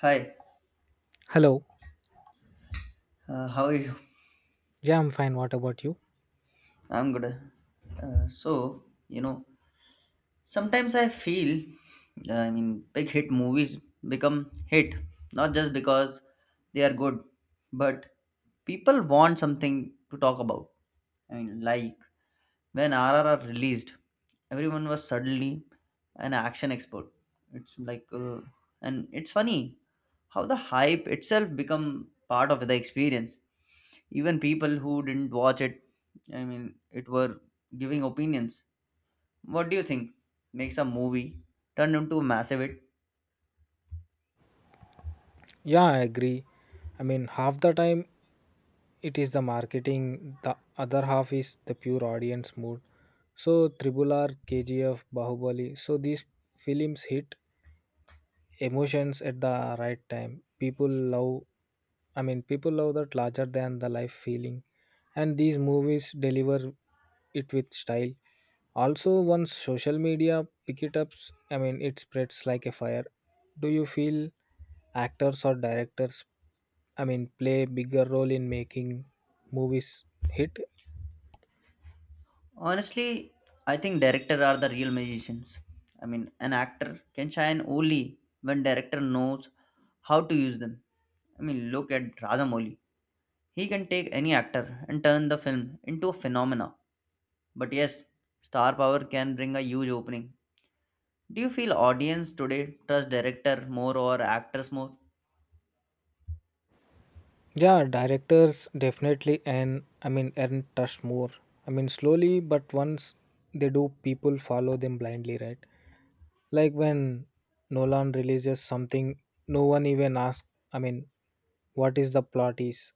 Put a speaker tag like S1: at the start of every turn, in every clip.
S1: Hi,
S2: Hello.
S1: how are you?
S2: Yeah, I'm fine. What about you?
S1: I'm good. Uh, so, you know, Sometimes I feel, big hit movies become hit not just because they are good, but people want something to talk about. I mean, like when RRR released, everyone was suddenly an action expert. It's like, and It's funny how the hype itself become part of the experience. Even people who didn't watch it, it were giving opinions. What do you think makes a movie turn into a massive hit?
S2: Yeah, I agree. I mean, half the time it is the marketing, the other half is the pure audience mood. So, Triple R, KGF, Bahubali. So, these films hit emotions at the right time. People love, I mean, people love that larger than the life feeling. And these movies deliver it with style. Also, once social media pick it up, I mean, it spreads like a fire. Do you feel actors or directors, I mean, play bigger role in making movies hit?
S1: Honestly, I think director are the real magicians. I mean, an actor can shine only when director knows how to use them. I mean, look at Rajamouli. He can take any actor and turn the film into a phenomena. But yes, star power can bring a huge opening. Do you feel audience today trust director more or actors more?
S2: Yeah, directors definitely and I mean earn trust more. I mean, slowly, but once they do, people follow them blindly, right? Like when Nolan releases something, no one even asks. I mean, what is the plot is.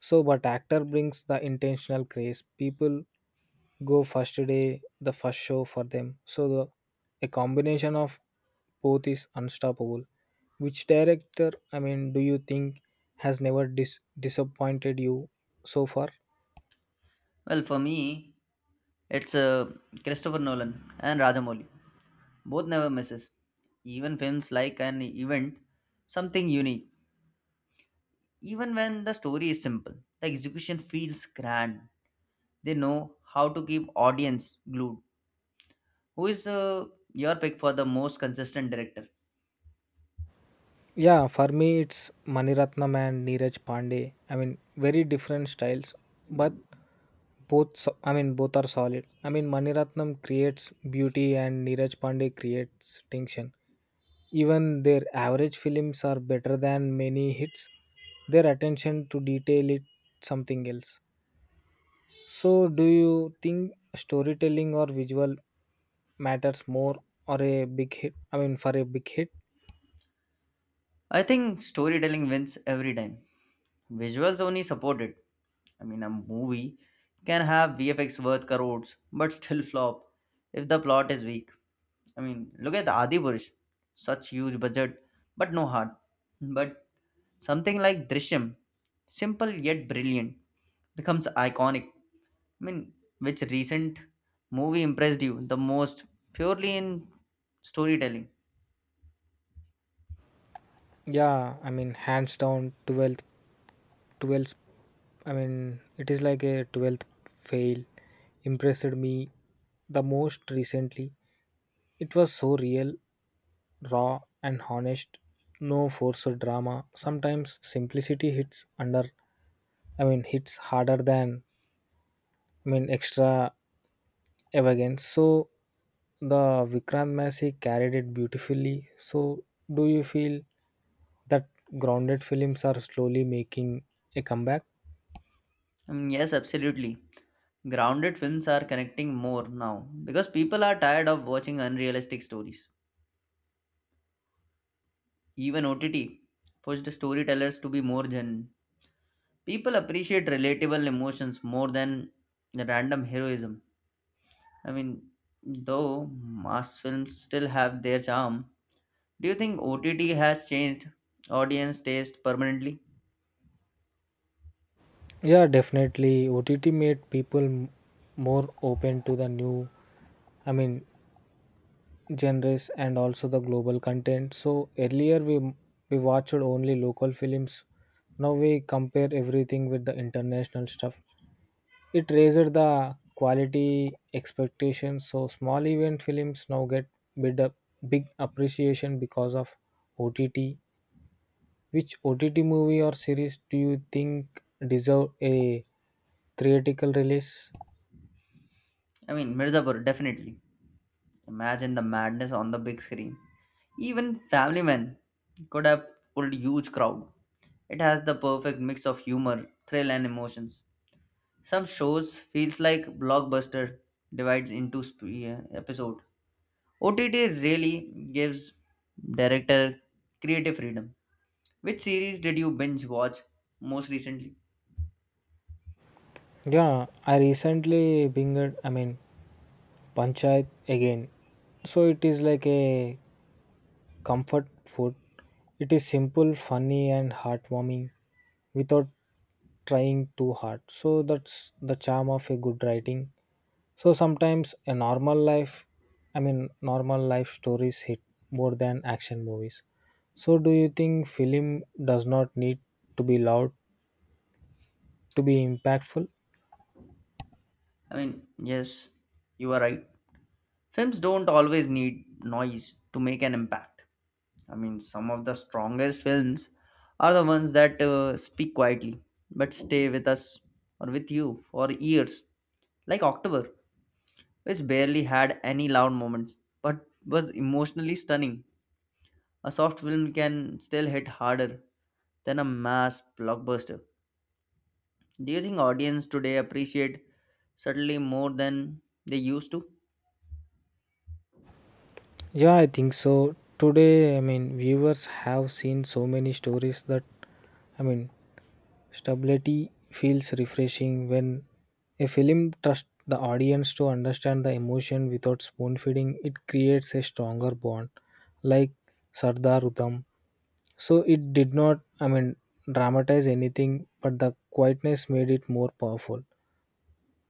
S2: So, but actor brings the intentional craze. People go first day, the first show for them. So, a combination of both is unstoppable. Which director, I mean, do you think has never disappointed you so far?
S1: Well, for me, it's Christopher Nolan and Rajamouli. Both never misses. Even films like an event, something unique. Even when the story is simple, the execution feels grand. They know how to keep audience glued. Who is your pick for the most consistent director?
S2: Yeah, for me it's Maniratnam and Neeraj Pandey. I mean, very different styles, but both I mean both are solid. I mean, Maniratnam creates beauty and Neeraj Pandey creates tension. Even their average films are better than many hits. Their attention to detail it something else. So, do you think storytelling or visual matters more or a big hit? I mean, for a big hit?
S1: I think storytelling wins every time. Visuals only support it. I mean, a movie can have VFX worth crores but still flop if the plot is weak. I mean, look at Adi Purush, such huge budget but no heart. But something like Drishyam, simple yet brilliant, becomes iconic. I mean, which recent movie impressed you the most purely in storytelling?
S2: Yeah, I mean, hands down, 12th, 12th, I mean, it is like a 12th Fail impressed me the most recently. It was so real, raw, and honest. No forced drama. Sometimes simplicity hits under, I mean, hits harder than, I mean, extra elegance. So the Vikrant Massey carried it beautifully. So, do you feel that grounded films are slowly making a comeback?
S1: Mm, yes, absolutely. Grounded films are connecting more now because people are tired of watching unrealistic stories. Even OTT pushed storytellers to be more genuine. People appreciate relatable emotions more than random heroism. I mean, though mass films still have their charm, do you think OTT has changed audience taste permanently?
S2: Yeah, definitely. OTT made people more open to the new, I mean, genres and also the global content. So earlier we watched only local films. Now we compare everything with the international stuff. It raised the quality expectations. So small event films now get bid up big appreciation because of OTT. Which OTT movie or series do you think deserve a theatrical release?
S1: I mean, Mirzapur, definitely. Imagine the madness on the big screen. Even Family Man could have pulled huge crowd. It has the perfect mix of humor, thrill and emotions. Some shows feels like blockbuster divides into episode. OTT really gives director creative freedom. Which series did you binge watch most recently?
S2: Yeah, I recently binged, I mean, Panchayat again. So it is like a comfort food. It is simple, funny, and heartwarming without trying too hard. So that's the charm of a good writing. So sometimes a normal life, I mean, normal life stories hit more than action movies. So do you think film does not need to be loud to be impactful?
S1: I mean, yes, you are right. Films don't always need noise to make an impact. I mean, some of the strongest films are the ones that speak quietly but stay with us or with you for years. Like October, which barely had any loud moments but was emotionally stunning. A soft film can still hit harder than a mass blockbuster. Do you think audience today appreciate subtly more than they used to?
S2: Yeah, I think so. Today, I mean, viewers have seen so many stories that, I mean, stability feels refreshing when a film trusts the audience to understand the emotion without spoon feeding, it creates a stronger bond. Like Sardar Utam, so it did not, I mean, dramatize anything, but the quietness made it more powerful.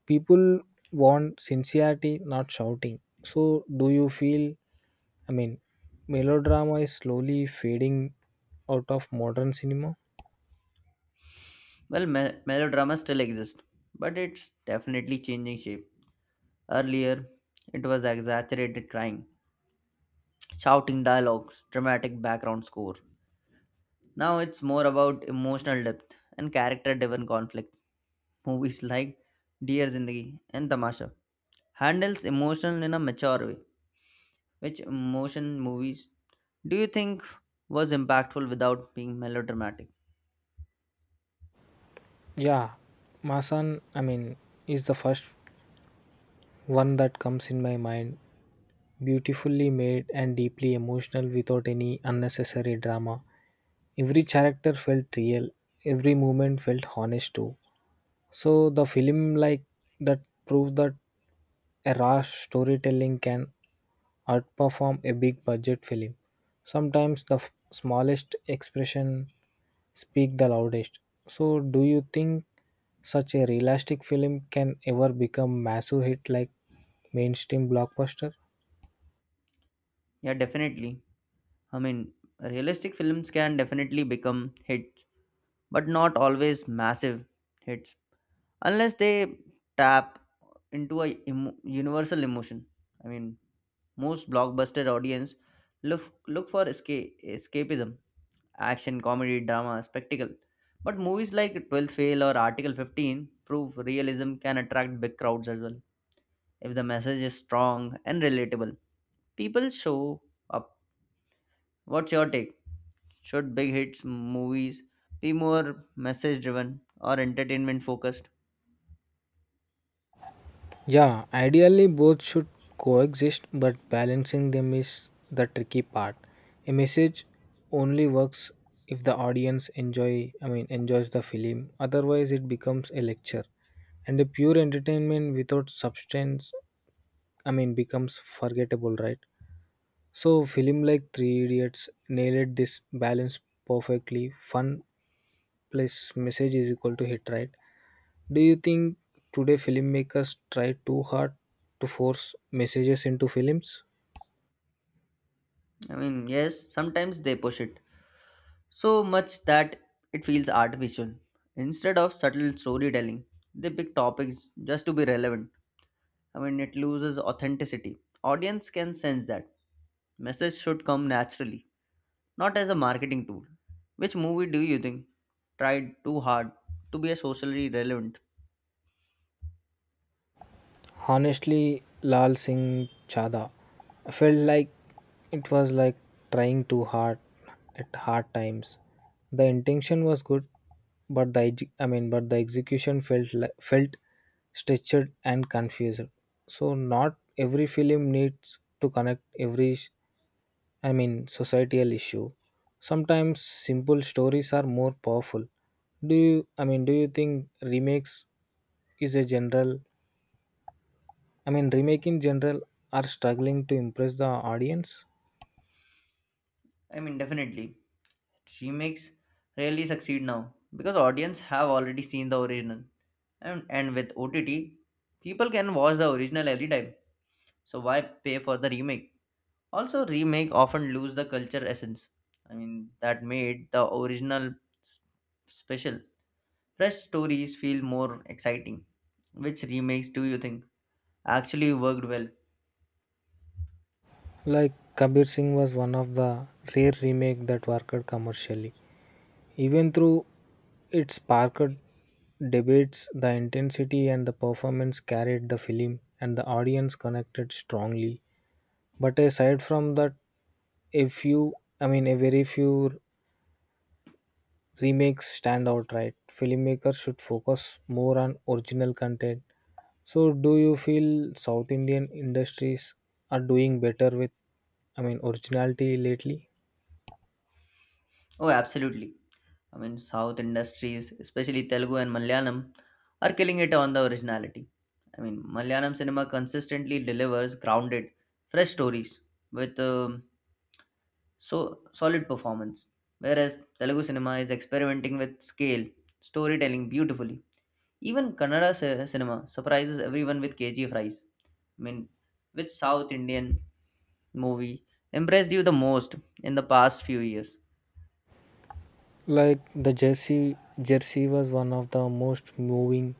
S2: People want sincerity, not shouting. So do you feel, I mean, melodrama is slowly fading out of modern cinema?
S1: Well, melodrama still exists, but it's definitely changing shape. Earlier, it was exaggerated crying, shouting dialogues, dramatic background score. Now it's more about emotional depth and character driven conflict. Movies like Dear Zindagi and Tamasha handles emotion in a mature way. Which emotion movies do you think was impactful without being melodramatic?
S2: Yeah, Masan, I mean, is the first one that comes in my mind. Beautifully made and deeply emotional without any unnecessary drama. Every character felt real, every movement felt honest too. So the film like that proves that a rash storytelling can outperform a big budget film. Sometimes the smallest expression speak the loudest. So do you think such a realistic film can ever become massive hit like mainstream blockbuster?
S1: Yeah, definitely. I mean, realistic films can definitely become hits, but not always massive hits, unless they tap into universal emotion. I mean, most blockbuster audience look for escapism, action, comedy, drama, spectacle. But movies like 12 Fail or Article 15 prove realism can attract big crowds as well. If the message is strong and relatable, people show up. What's your take? Should big hits movies be more message driven or entertainment focused?
S2: Yeah, ideally both should coexist, but balancing them is the tricky part. A message only works if the audience enjoy I mean enjoys the film. Otherwise it becomes a lecture. And a pure entertainment without substance I mean becomes forgettable, right? So film like Three Idiots nailed this balance perfectly. Fun plus message is equal to hit, right? Do you think today filmmakers try too hard to force messages into films?
S1: I mean, yes, sometimes they push it, so much that it feels artificial. Instead of subtle storytelling, they pick topics just to be relevant. I mean, it loses authenticity. Audience can sense that. Message should come naturally, not as a marketing tool. Which movie do you think tried too hard to be a socially relevant?
S2: Honestly, Lal Singh Chada felt like it was like trying too hard at hard times. The intention was good, but the I mean, but the execution felt felt stretched and confused. So not every film needs to connect every I mean societal issue. Sometimes simple stories are more powerful. Do you I mean do you think remakes is a general, I mean, remake in general are struggling to impress the audience.
S1: I mean, definitely. Remakes rarely succeed now because audience have already seen the original. And with OTT, people can watch the original every time. So why pay for the remake? Also, remake often lose the culture essence. I mean, that made the original s- special. Fresh stories feel more exciting. Which remakes do you think actually worked well?
S2: Like Kabir Singh was one of the rare remake that worked commercially. Even through its sparked debates, the intensity and the performance carried the film and the audience connected strongly. But aside from that, a few, I mean, a very few remakes stand out right. Filmmakers should focus more on original content. So, do you feel South Indian industries are doing better with, I mean, originality lately?
S1: Oh, absolutely. I mean, South industries, especially Telugu and Malayalam, are killing it on the originality. I mean, Malayalam cinema consistently delivers grounded, fresh stories with so solid performance. Whereas Telugu cinema is experimenting with scale, storytelling beautifully. Even Kannada cinema surprises everyone with KGF Rise. I mean, which South Indian movie impressed you the most in the past few years?
S2: Like Jersey was one of the most moving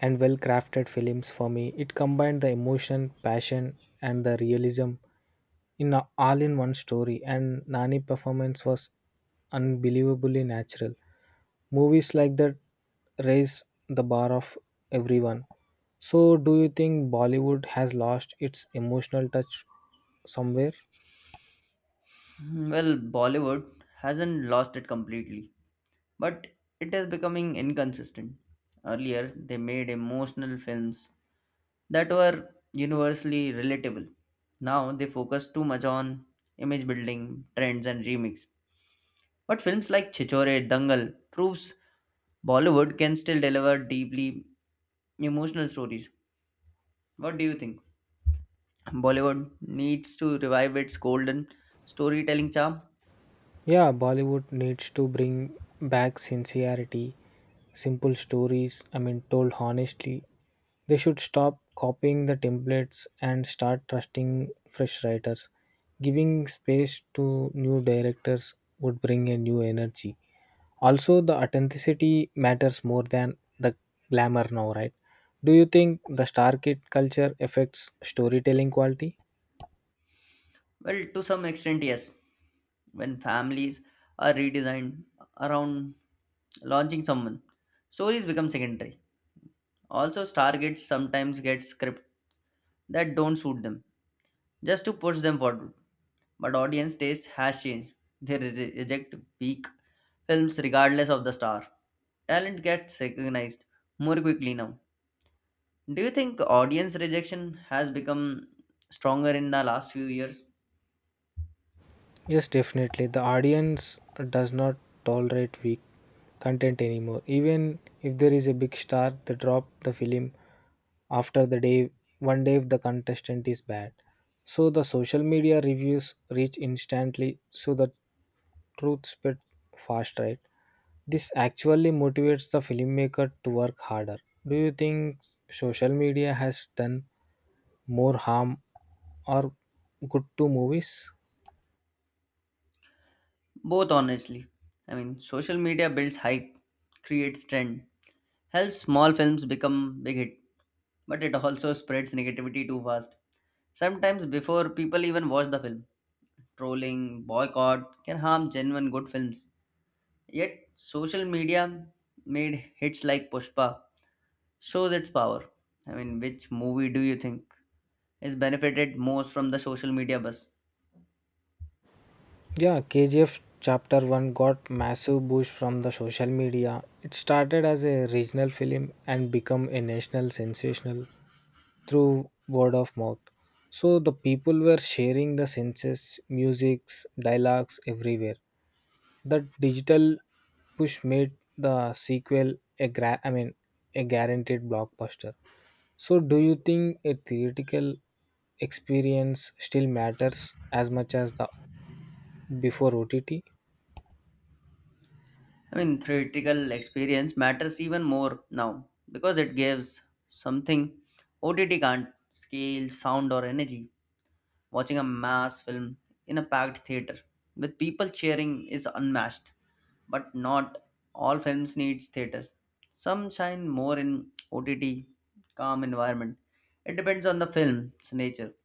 S2: and well crafted films for me. It combined the emotion, passion, and the realism, all in one story, and Nani performance was unbelievably natural. Movies like that raise the bar of everyone. So, do you think Bollywood has lost its emotional touch somewhere?
S1: Hmm, well, Bollywood hasn't lost it completely, but it is becoming inconsistent. Earlier, they made emotional films that were universally relatable. Now they focus too much on image building, trends, and remix. But films like Chichore, Dangal proves Bollywood can still deliver deeply emotional stories. What do you think? Bollywood needs to revive its golden storytelling charm?
S2: Yeah, Bollywood needs to bring back sincerity, simple stories, I mean, told honestly. They should stop copying the templates and start trusting fresh writers. Giving space to new directors would bring a new energy. Also, the authenticity matters more than the glamour now, right? Do you think the star kid culture affects storytelling quality?
S1: Well, to some extent, yes. When families are redesigned around launching someone, stories become secondary. Also, star gets sometimes gets scripted that don't suit them just to push them forward. But audience taste has changed. They reject weak films regardless of the star. Talent gets recognized more quickly now. Do you think audience rejection has become stronger in the last few years?
S2: Yes, definitely. The audience does not tolerate weak content anymore. Even if there is a big star, they drop the film after the day one day if the contestant is bad. So the social media reviews reach instantly so the truth spread fast, right? This actually motivates the filmmaker to work harder. Do you think social media has done more harm or good to movies?
S1: Both, honestly. I mean, social media builds hype, creates trend, helps small films become big hit, but it also spreads negativity too fast. Sometimes before people even watch the film, trolling, boycott can harm genuine good films. Yet, social media made hits like Pushpa shows its power. I mean, which movie do you think is benefited most from the social media buzz?
S2: Yeah, KGF Chapter 1 got massive boost from the social media. It started as a regional film and become a national sensational through word of mouth. So the people were sharing the senses, musics, dialogues everywhere. The digital push made the sequel I mean a guaranteed blockbuster. So do you think a theoretical experience still matters as much as the before OTT?
S1: I mean, theatrical experience matters even more now because it gives something OTT can't scale, sound, or energy. Watching a mass film in a packed theater with people cheering is unmatched, but not all films need theater. Some shine more in OTT, calm environment. It depends on the film's nature.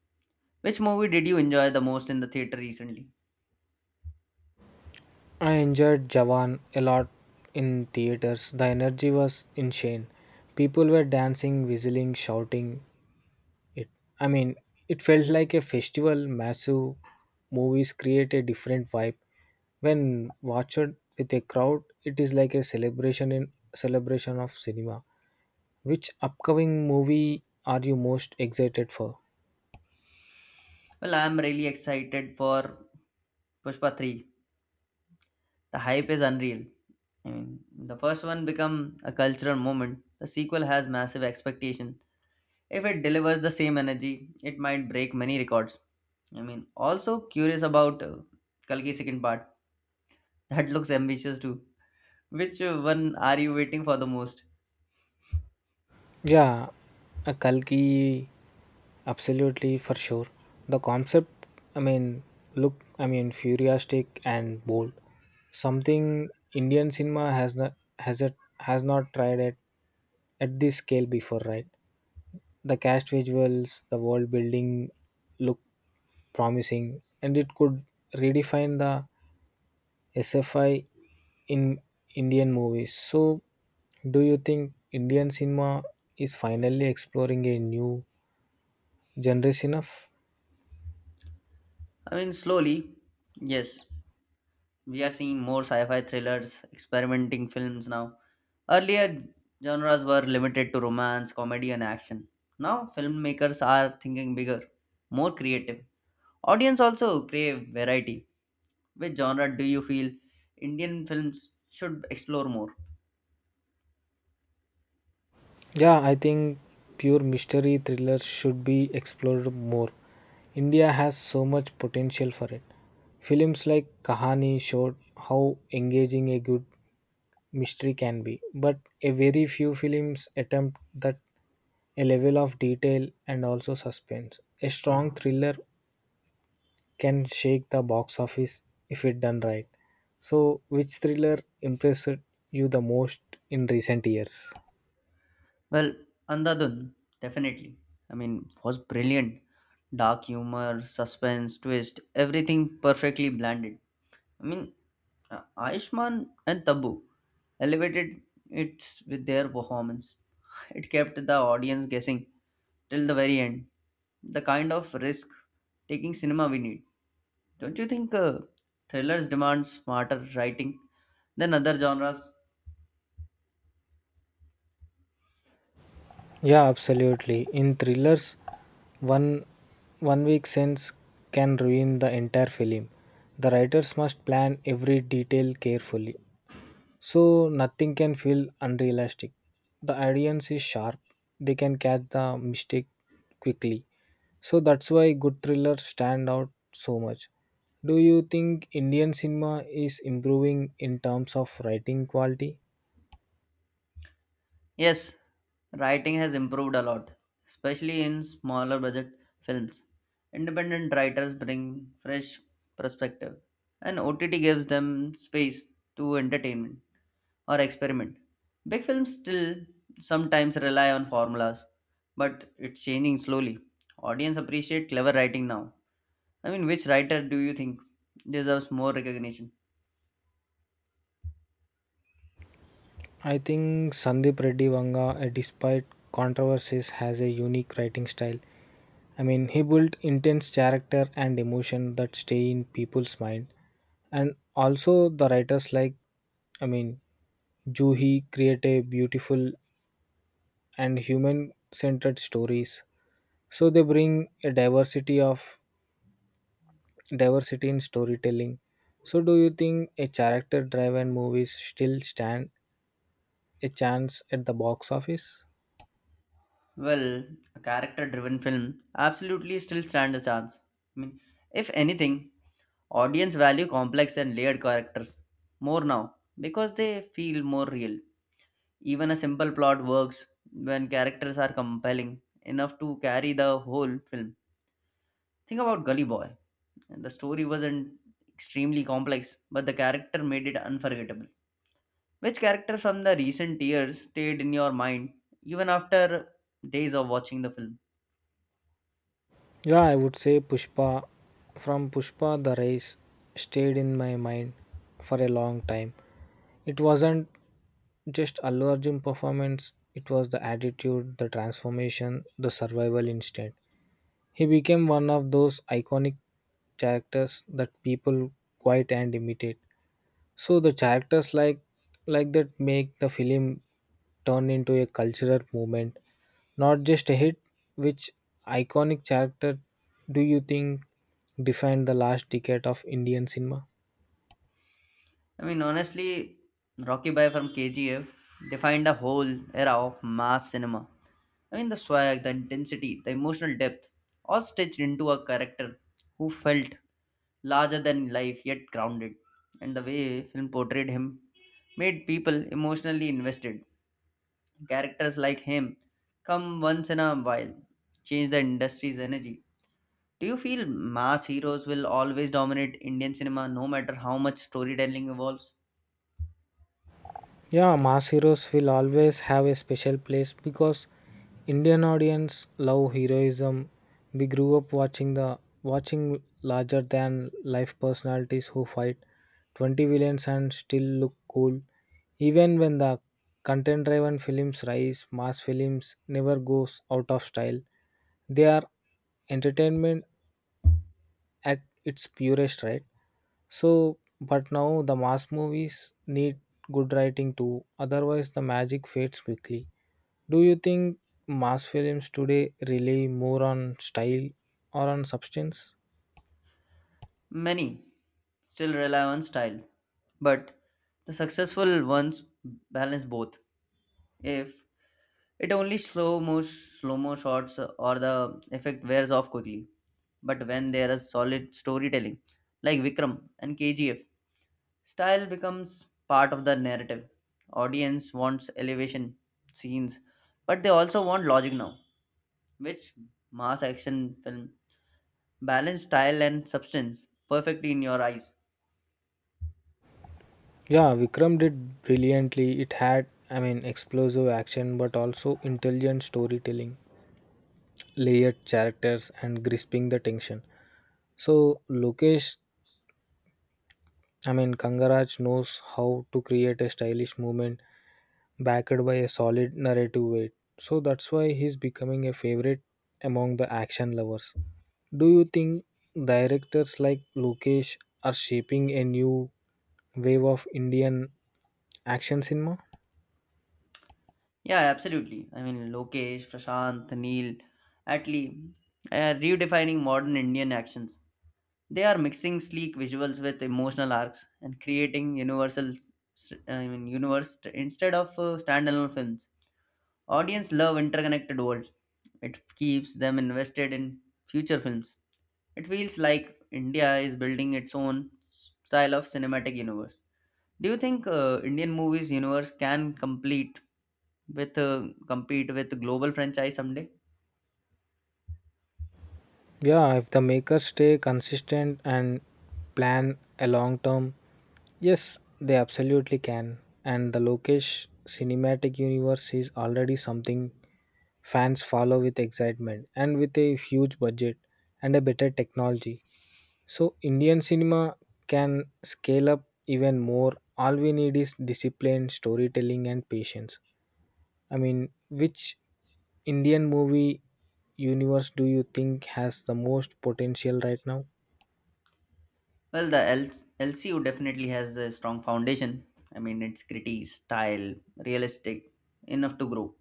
S1: Which movie did you enjoy the most in the theater recently?
S2: I enjoyed Jawan a lot in theaters. The energy was insane. People were dancing, whistling, shouting. It, I mean, it felt like a festival. Massive movies create a different vibe. When watched with a crowd, it is like a celebration in celebration of cinema. Which upcoming movie are you most excited for?
S1: Well, I'm really excited for Pushpa 3. The hype is unreal. I mean, the first one become a cultural moment. The sequel has massive expectation. If it delivers the same energy, it might break many records. I mean, also curious about Kalki second part. That looks ambitious too. Which one are you waiting for the most?
S2: Yeah, a Kalki. Absolutely, for sure. The concept, I mean, look, I mean, futuristic and bold. Something Indian cinema has not has it has not tried at this scale before, right? The cast visuals, the world building look promising, and it could redefine the SFI in Indian movies. So, do you think Indian cinema is finally exploring a new genre enough?
S1: I mean, slowly, yes. We are seeing more sci-fi thrillers, experimenting films now. Earlier, genres were limited to romance, comedy, and action. Now, filmmakers are thinking bigger, more creative. Audience also crave variety. Which genre do you feel Indian films should explore more?
S2: Yeah, I think pure mystery thrillers should be explored more. India has so much potential for it. Films like Kahani showed how engaging a good mystery can be, but a very few films attempt that a level of detail and also suspense. A strong thriller can shake the box office if it done right. So, which thriller impressed you the most in recent years?
S1: Well, Andhadhun, definitely. I mean, was brilliant. Dark humor, suspense, twist, everything perfectly blended. I mean, Ayushmann and Tabu elevated it with their performance. It kept the audience guessing till the very end. The kind of risk taking cinema we need. Don't you think thrillers demand smarter writing than other genres?
S2: Yeah, absolutely. In thrillers, one one weak sense can ruin the entire film. The writers must plan every detail carefully, so nothing can feel unrealistic. The audience is sharp; they can catch the mistake quickly. So that's why good thrillers stand out so much. Do you think Indian cinema is improving in terms of writing quality?
S1: Yes, writing has improved a lot, especially in smaller budget films. Independent writers bring fresh perspective, and OTT gives them space to entertainment or experiment. Big films still sometimes rely on formulas, but it's changing slowly. Audience appreciate clever writing now. I mean, which writer do you think deserves more recognition?
S2: I think Sandeep Reddy Vanga, despite controversies, has a unique writing style. I mean, he built intense character and emotion that stay in people's mind. And also, the writers like, I mean, Juhi create a beautiful and human-centered stories. So they bring a diversity in storytelling. So do you think a character-driven movies still stand a chance at the box office?
S1: Well, a character driven film absolutely still stand a chance. I mean, if anything, audience value complex and layered characters more now because they feel more real. Even a simple plot works when characters are compelling enough to carry the whole film. Think about Gully Boy. The story wasn't extremely complex, but the character made it unforgettable. Which character from the recent years stayed in your mind even after days of watching the film?
S2: Yeah, I would say Pushpa. From Pushpa, the race stayed in my mind for a long time. It wasn't just Allu Arjun performance, it was the attitude, the transformation, the survival instinct. He became one of those iconic characters that people quite and imitate. So the characters like that make the film turned into a cultural movement, not just a hit. Which iconic character do you think defined the last decade of Indian cinema?
S1: I mean, honestly, Rocky Bhai from KGF defined a whole era of mass cinema. I mean, the swag, the intensity, the emotional depth, all stitched into a character who felt larger than life yet grounded. And the way film portrayed him made people emotionally invested. Characters like him come once in a while, change the industry's energy. Do you feel mass heroes will always dominate Indian cinema no matter how much storytelling evolves?
S2: Yeah, mass heroes will always have a special place because Indian audience love heroism. We grew up watching larger than life personalities who fight 20 villains and still look cool. Even when the content driven films rise, mass films never goes out of style. They are entertainment at its purest, right? So, but now the mass movies need good writing too, otherwise, the magic fades quickly. Do you think mass films today rely more on style or on substance?
S1: Many still rely on style, but the successful ones balance both. If it only slow mo shots or the effect wears off quickly, but when there is solid storytelling like Vikram and KGF, style becomes part of the narrative. Audience wants elevation scenes, but they also want logic now, which mass action film balance style and substance perfectly in your eyes.
S2: Yeah, Vikram did brilliantly. It had, I mean, explosive action, but also intelligent storytelling, layered characters, and grasping the tension. So, Lokesh, I mean, Kangaraj knows how to create a stylish movement backed by a solid narrative weight. So that's why he's becoming a favorite among the action lovers. Do you think directors like Lukesh are shaping a new wave of Indian action cinema?
S1: Yeah, absolutely. I mean, Lokesh, Prashant, Neil, Atlee are redefining modern Indian actions. They are mixing sleek visuals with emotional arcs and creating universal, universe instead of standalone films. Audience love interconnected worlds. It keeps them invested in future films. It feels like India is building its own style of cinematic universe. Do you think Indian movies universe can complete with compete with global franchise someday?
S2: Yeah, if the makers stay consistent and plan a long term, yes, they absolutely can. And the Lokesh cinematic universe is already something fans follow with excitement and with a huge budget and a better technology. So, Indian cinema can scale up even more. All we need is discipline, storytelling, and patience. I mean, which Indian movie universe do you think has the most potential right now?
S1: Well, the LCU definitely has a strong foundation. I mean, it's gritty, style, realistic, enough to grow.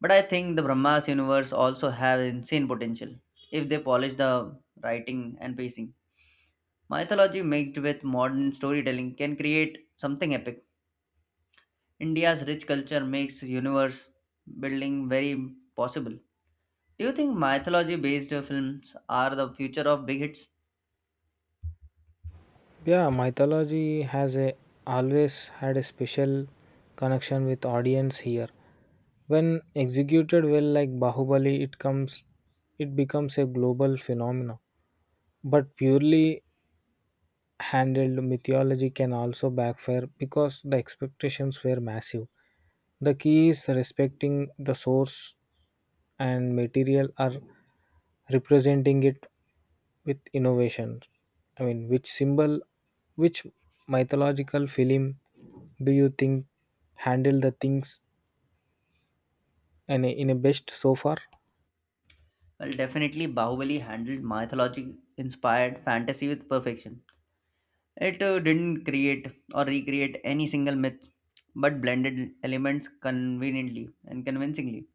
S1: But I think the Brahmas universe also have insane potential if they polish the writing and pacing. Mythology mixed with modern storytelling can create something epic. India's rich culture makes universe building very possible. Do you think mythology based films are the future of big hits?
S2: Yeah, mythology has a always had a special connection with audience here. When executed well like Bahubali, it becomes a global phenomenon. But purely handled mythology can also backfire because the expectations were massive. The key is respecting the source and material are representing it with innovation. I mean, which mythological film do you think handle the things and in a best so far?
S1: Well, definitely, Bahubali handled mythology inspired fantasy with perfection. It didn't create or recreate any single myth, but blended elements conveniently and convincingly.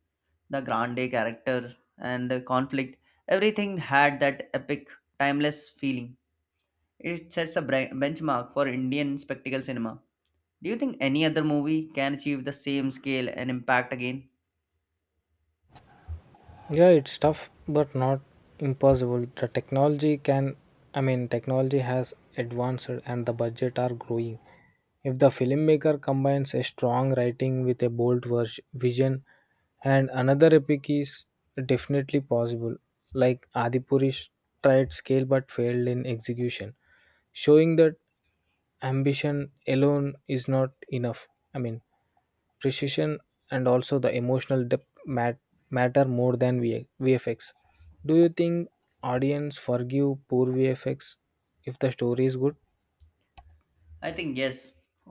S1: The grande character and the conflict, everything had that epic, timeless feeling. It sets a benchmark for Indian spectacle cinema. Do you think any other movie can achieve the same scale and impact again?
S2: Yeah, it's tough, but not impossible. The technology can, I mean, technology has advanced and the budget are growing. If the filmmaker combines a strong writing with a bold vision, and another epic is definitely possible. Like Adipurish tried scale but failed in execution, showing that ambition alone is not enough. I mean, precision and also the emotional depth matter more than VFX. Do you think audience forgive poor VFX if the story is good?
S1: I think yes,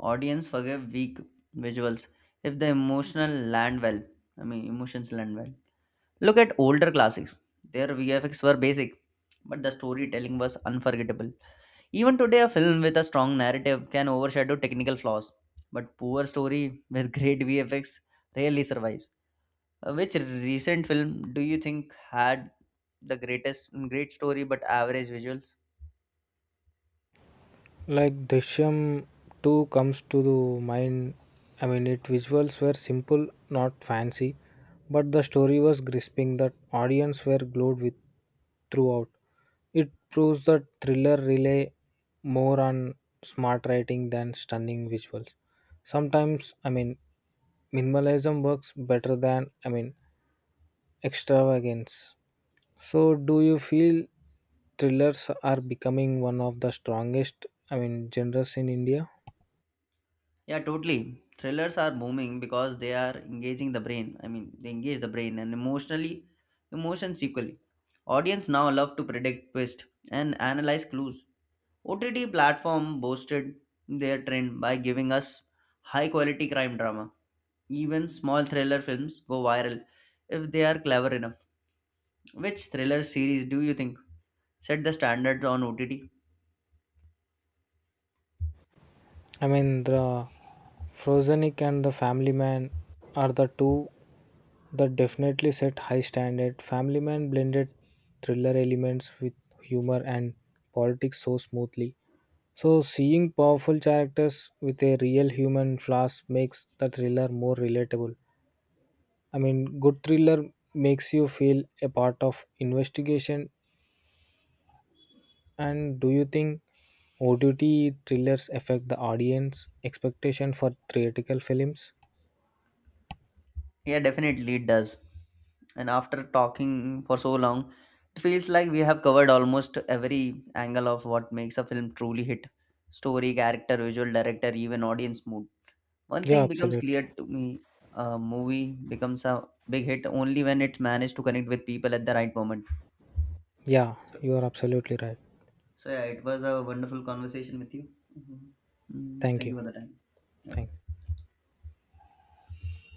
S1: audience forgive weak visuals if the emotional land well. I mean, emotions land well. Look at older classics. Their VFX were basic, but the storytelling was unforgettable. Even today, a film with a strong narrative can overshadow technical flaws, but poor story with great VFX rarely survives. Which recent film do you think had the great story but average visuals?
S2: Like Drishyam 2 comes to the mind. I mean, its visuals were simple, not fancy, but the story was gripping that audience were glued with throughout. It proves that thriller rely more on smart writing than stunning visuals. Sometimes, I mean, minimalism works better than I mean extravagance. So do you feel thrillers are becoming one of the strongest I mean genres in India?
S1: Yeah, totally. Thrillers are booming because they are engaging the brain. I mean, they engage the brain and emotions equally. Audience now love to predict twist and analyze clues. OTT platform boosted their trend by giving us high quality crime drama. Even small thriller films go viral if they are clever enough. Which thriller series do you think set the standards on OTT?
S2: I mean the frozenic and the family man are the two that definitely set high standard. Family man blended thriller elements with humor and politics so smoothly. So seeing powerful characters with a real human flaws makes the thriller more relatable. I mean, good thriller makes you feel a part of investigation. And do you think OTT thrillers affect the audience expectation for theatrical films?
S1: Yeah, definitely it does. And after talking for so long, it feels like we have covered almost every angle of what makes a film truly hit story, character, visual director, even audience mood. One
S2: Yeah,
S1: thing becomes
S2: absolutely.
S1: clear to me, a movie becomes a big hit only when it managed to connect with people at the right moment.
S2: Yeah,
S1: So,
S2: you are
S1: so,
S2: absolutely right.
S1: so yeah, it was a wonderful conversation with you. Mhm. Mm,
S2: Thank
S1: thank
S2: you.
S1: you for the time.
S2: Thank
S1: Okay.